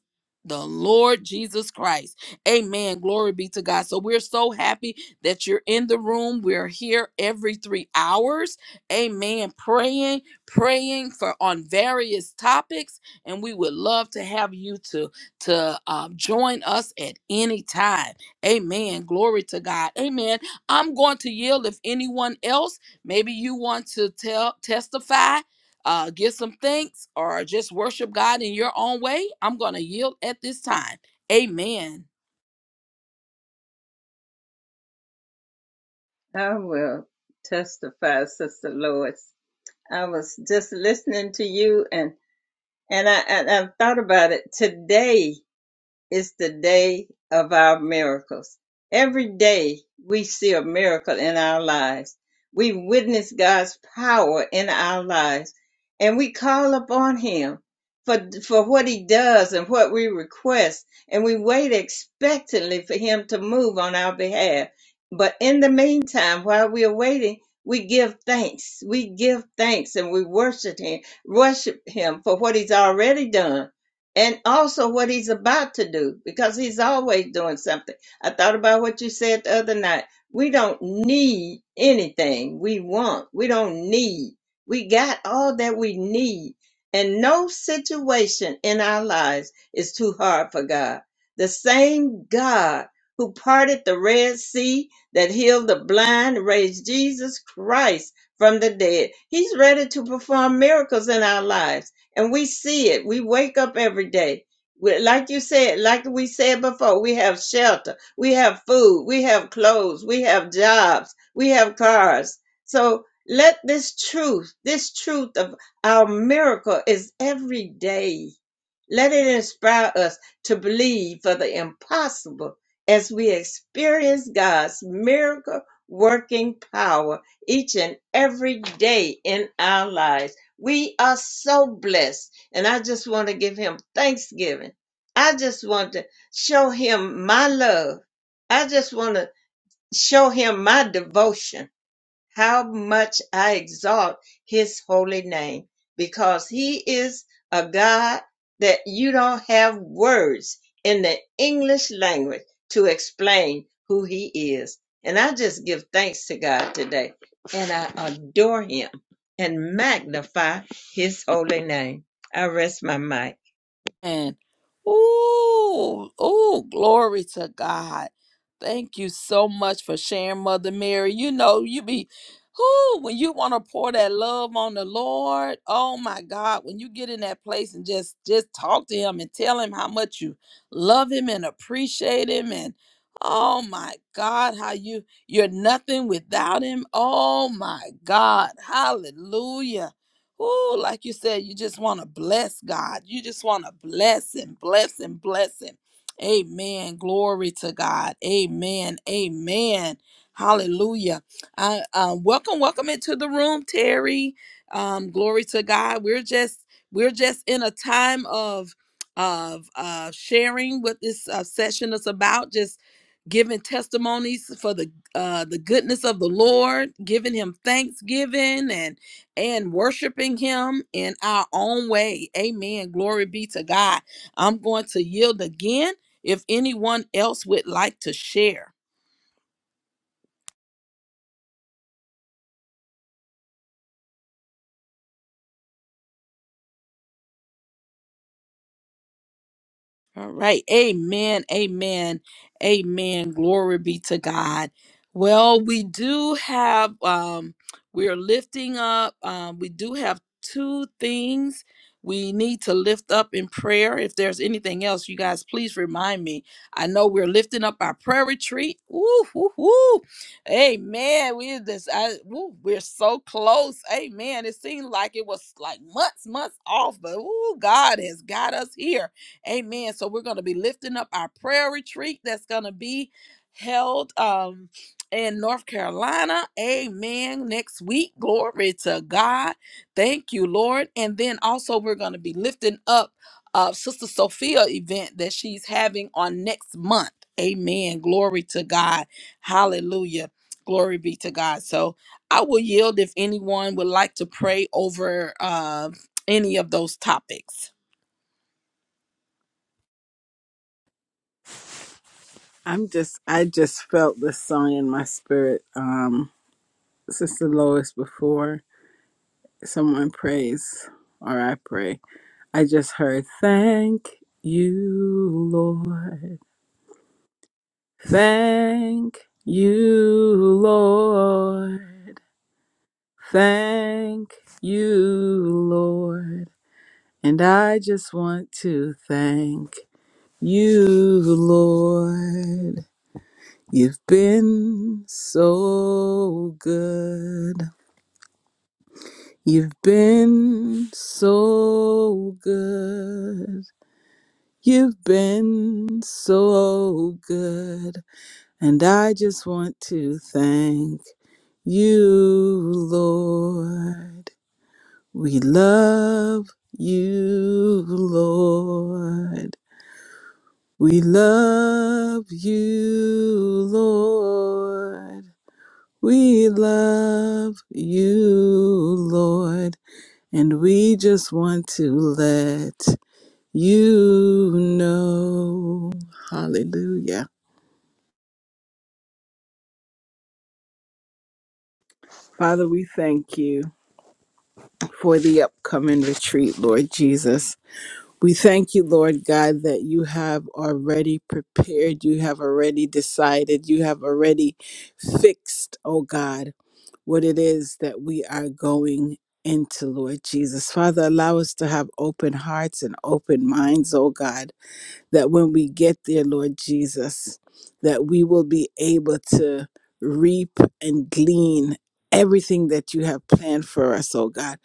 the Lord Jesus Christ. Amen. Glory be to God. So we're so happy that you're in the room. We're here every three hours. Amen. Praying praying for on various topics and we would love to have you to to um, join us at any time amen glory to god amen i'm going to yield if anyone else maybe you want to tell testify uh, give some thanks or just worship god in your own way i'm going to yield at this time amen I will testify, Sister Lois. I was just listening to you and and I and I've thought about it today is the day of our miracles. Every day we see a miracle in our lives. We witness God's power in our lives and we call upon him for, for what he does and what we request. And we wait expectantly for him to move on our behalf. But in the meantime, while we are waiting, we give thanks. We give thanks and we worship him, worship him for what he's already done and also what he's about to do because he's always doing something. I thought about what you said the other night. We don't need anything we want. We don't need. We got all that we need. And no situation in our lives is too hard for God. The same God who parted the Red Sea, that healed the blind, raised Jesus Christ from the dead. He's ready to perform miracles in our lives and we see it. We wake up every day. We- Like you said, like we said before, we have shelter, we have food, we have clothes, we have jobs, we have cars. So let this truth, this truth of our miracle is every day let it inspire us to believe for the impossible as we experience God's miracle working power each and every day in our lives. We are so blessed, and I just want to give Him thanksgiving. I just want to show Him my love. I just want to show Him my devotion how much I exalt his holy name because he is a God that you don't have words in the English language to explain who he is. And I just give thanks to God today and I adore him and magnify his holy name. I rest my mic. Amen. Ooh, ooh, glory to God. Thank you so much for sharing, Mother Mary. You know, you be who when you want to pour that love on the Lord. Oh my God, when you get in that place and just just talk to him and tell him how much you love him and appreciate him and oh my God, how you you're nothing without him. Oh my God. Hallelujah. Oh, like you said, you just want to bless God. You just want to bless Him, bless Him, bless Him. Amen. Glory to God. Amen. Amen. Hallelujah. I, um, welcome, welcome into the room, Terry. Um, glory to God. We're just we're just in a time of of uh, sharing what this uh, session is about. Just giving testimonies for the uh, the goodness of the Lord, giving Him thanksgiving and and worshiping him in our own way. Amen. Glory be to God. I'm going to yield again if anyone else would like to share. All right. Amen. Amen. Amen. Glory be to God. Well, we do have um we are lifting up um we do have two things we need to lift up in prayer. If there's anything else, you guys please remind me. I know we're lifting up our prayer retreat. Woo woo woo. Amen. We this I woo, we're so close. Amen. It seemed like it was like months months off, but ooh, God has got us here. Amen. So we're going to be lifting up our prayer retreat that's going to be held um in North Carolina. Amen. Next week. Glory to God. Thank you, Lord. And then also we're going to be lifting up uh Sister Sophia event that she's having on next month. Amen. Glory to God. Hallelujah. Glory be to God. So I will yield if anyone would like to pray over uh, any of those topics. I'm just I just felt this song in my spirit um sister Lois before someone prays or I pray I just heard, thank you, Lord. Thank you, Lord. Thank you, Lord. And I just want to thank you, Lord. You've been so good. You've been so good. You've been so good. And I just want to thank you, Lord. We love you, Lord. We love you, Lord. We love you, Lord. And we just want to let you know. Hallelujah. Father, we thank you. for the upcoming retreat, Lord Jesus. We thank you, Lord God, that you have already prepared, you have already decided, you have already fixed, oh God, what it is that we are going into, Lord Jesus. Father, allow us to have open hearts and open minds, oh God that when we get there, Lord Jesus, that we will be able to reap and glean everything that you have planned for us, oh God.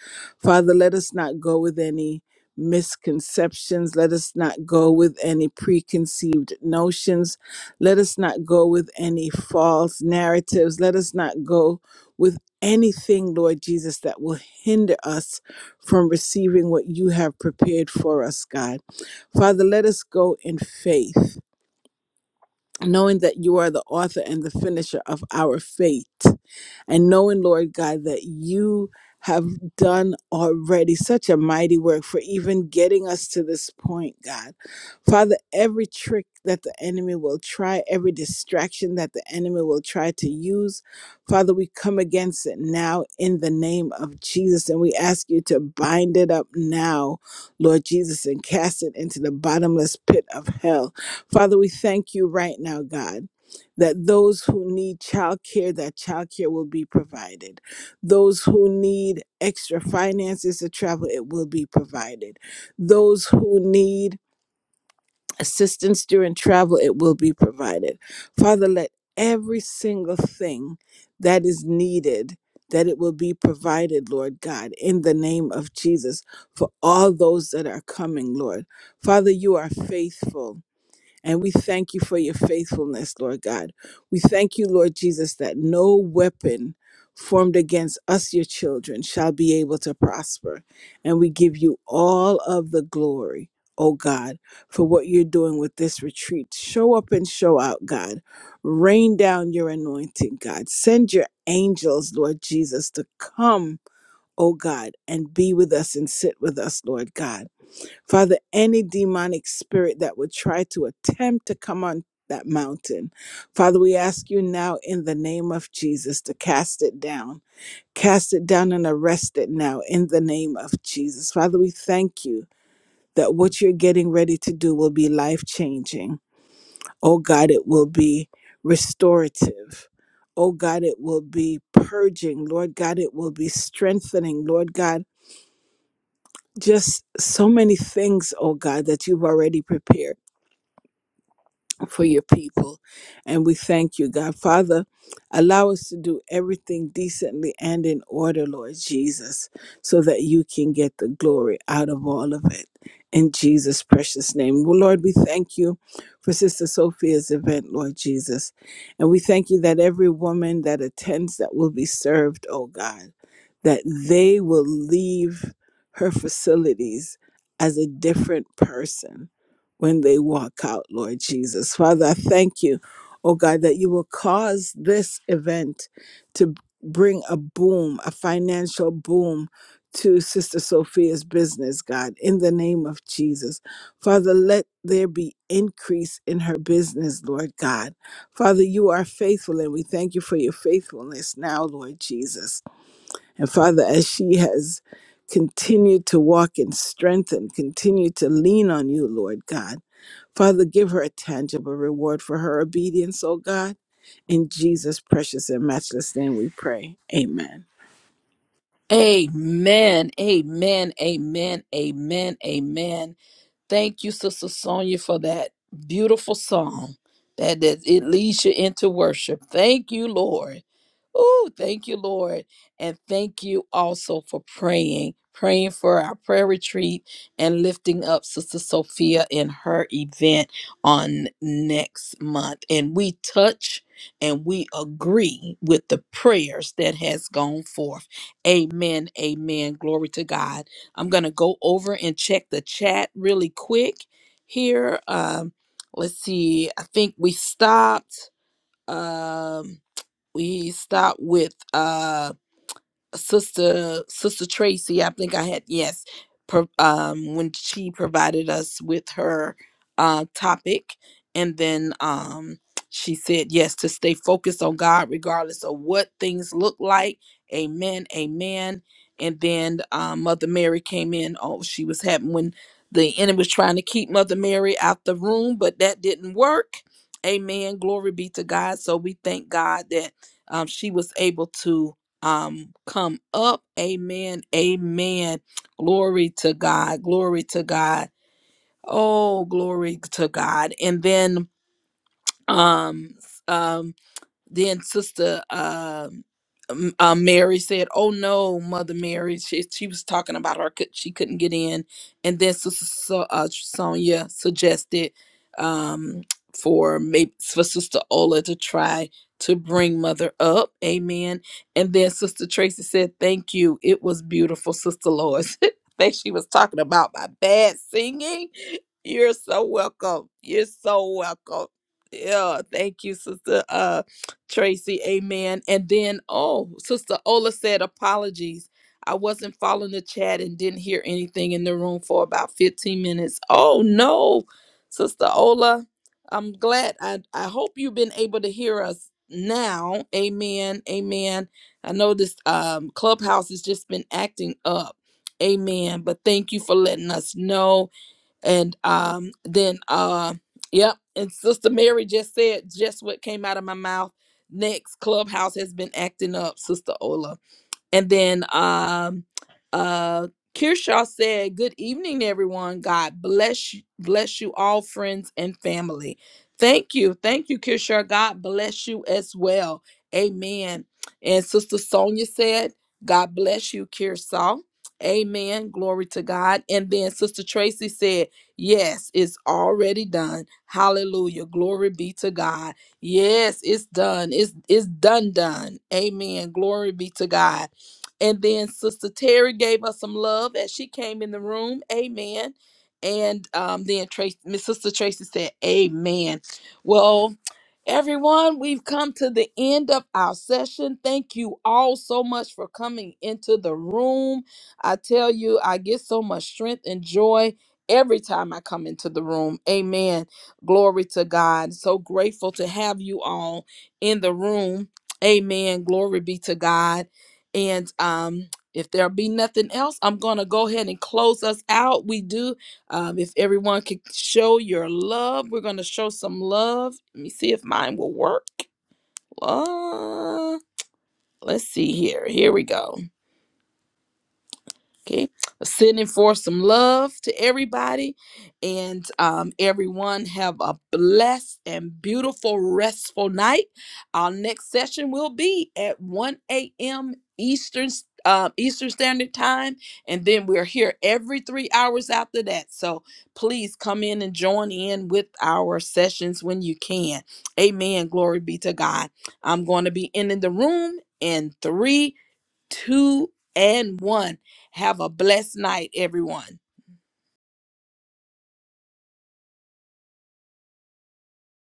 Father, let us not go with any misconceptions. Let us not go with any preconceived notions. Let us not go with any false narratives. Let us not go with anything, Lord Jesus, that will hinder us from receiving what you have prepared for us, God. Father, let us go in faith, knowing that you are the author and the finisher of our faith and knowing, Lord God, that you have done already such a mighty work for even getting us to this point, God. Father, every trick that the enemy will try, every distraction that the enemy will try to use, Father, we come against it now in the name of Jesus and we ask you to bind it up now, Lord Jesus, and cast it into the bottomless pit of hell. Father, we thank you right now, God that those who need childcare that childcare will be provided those who need extra finances to travel it will be provided those who need assistance during travel it will be provided father let every single thing that is needed that it will be provided lord god in the name of jesus for all those that are coming lord father you are faithful and we thank you for your faithfulness, Lord God. We thank you, Lord Jesus, that no weapon formed against us, your children, shall be able to prosper. And we give you all of the glory, oh God, for what you're doing with this retreat. Show up and show out, God. Rain down your anointing, God. Send your angels, Lord Jesus, to come, oh God, and be with us and sit with us, Lord God. Father, any demonic spirit that would try to attempt to come on that mountain, Father, we ask you now in the name of Jesus to cast it down. Cast it down and arrest it now in the name of Jesus. Father, we thank you that what you're getting ready to do will be life changing. Oh God, it will be restorative. Oh God, it will be purging. Lord God, it will be strengthening. Lord God, just so many things, oh God, that you've already prepared. for your people. And we thank you, God. Father, allow us to do everything decently and in order, Lord Jesus, so that you can get the glory out of all of it. In Jesus' precious name. Well, Lord, we thank you for Sister Sophia's event, Lord Jesus. And we thank you that every woman that attends that will be served, oh God, that they will leave her facilities as a different person when they walk out, Lord Jesus. Father, I thank you, oh God, that you will cause this event to bring a boom, a financial boom to Sister Sophia's business, God, in the name of Jesus. Father, let there be increase in her business, Lord God. Father, you are faithful and we thank you for your faithfulness now, Lord Jesus. And Father, as she has continued to walk in strength and continue to lean on you, Lord God. Father, give her a tangible reward for her obedience, O God. In Jesus' precious and matchless name we pray. Amen. Amen. Amen. Amen. Amen. Amen. Thank you, Sister Sonia, for that beautiful song that, that it leads you into worship. Thank you, Lord. Oh, thank you, Lord. And thank you also for praying, praying for our prayer retreat and lifting up Sister Sophia in her event on next month. And we touch and we agree with the prayers that has gone forth. Amen. Amen. Glory to God. I'm going to go over and check the chat really quick here. Um, let's see. I think we stopped. Um, we start with uh sister sister tracy i think i had yes pro, um when she provided us with her uh topic and then um she said yes to stay focused on god regardless of what things look like amen amen and then um, mother mary came in oh she was having when the enemy was trying to keep mother mary out the room but that didn't work amen glory be to god so we thank god that um, she was able to um come up amen amen glory to god glory to god oh glory to god and then um um then Sister um, um, uh, Mary said, "Oh no, Mother Mary." She she was talking about her. could- She couldn't get in, and then Sister so, uh, Sonia suggested um, for maybe for Sister Ola to try to bring Mother up. Amen. And then Sister Tracy said, "Thank you. It was beautiful, Sister Lois." I think she was talking about my bad singing. You're so welcome. You're so welcome. Yeah, thank you, Sister. uh, Tracy, amen. And then, oh, Sister Ola said, apologies. I wasn't following the chat and didn't hear anything in the room for about 15 minutes. Oh, no, Sister Ola. I'm glad. I, I hope you've been able to hear us now. Amen. Amen. I know this um, clubhouse has just been acting up. Amen. But thank you for letting us know and um then uh yep and sister mary just said just what came out of my mouth next clubhouse has been acting up sister ola and then um uh Kirshaw said, Good evening, everyone. God bless you, bless you all, friends and family. Thank you. Thank you, Kirshaw. God bless you as well. Amen. And Sister Sonia said, God bless you, Kirshaw. Amen. Glory to God. And then Sister Tracy said, Yes, it's already done. Hallelujah. Glory be to God. Yes, it's done. It's it's done done. Amen. Glory be to God. And then Sister Terry gave us some love as she came in the room. Amen. And um, then Tracy, Miss Sister Tracy said, Amen. Well, everyone, we've come to the end of our session. Thank you all so much for coming into the room. I tell you, I get so much strength and joy every time I come into the room. Amen. Glory to God. So grateful to have you all in the room. Amen. Glory be to God. And um, if there be nothing else, I'm going to go ahead and close us out. We do. Um, if everyone could show your love, we're going to show some love. Let me see if mine will work. Uh, let's see here. Here we go. Okay, sending forth some love to everybody, and um, everyone have a blessed and beautiful, restful night. Our next session will be at 1 a.m. Eastern uh, Eastern Standard Time, and then we're here every three hours after that. So please come in and join in with our sessions when you can. Amen. Glory be to God. I'm going to be ending the room in three two and one. Have a blessed night, everyone.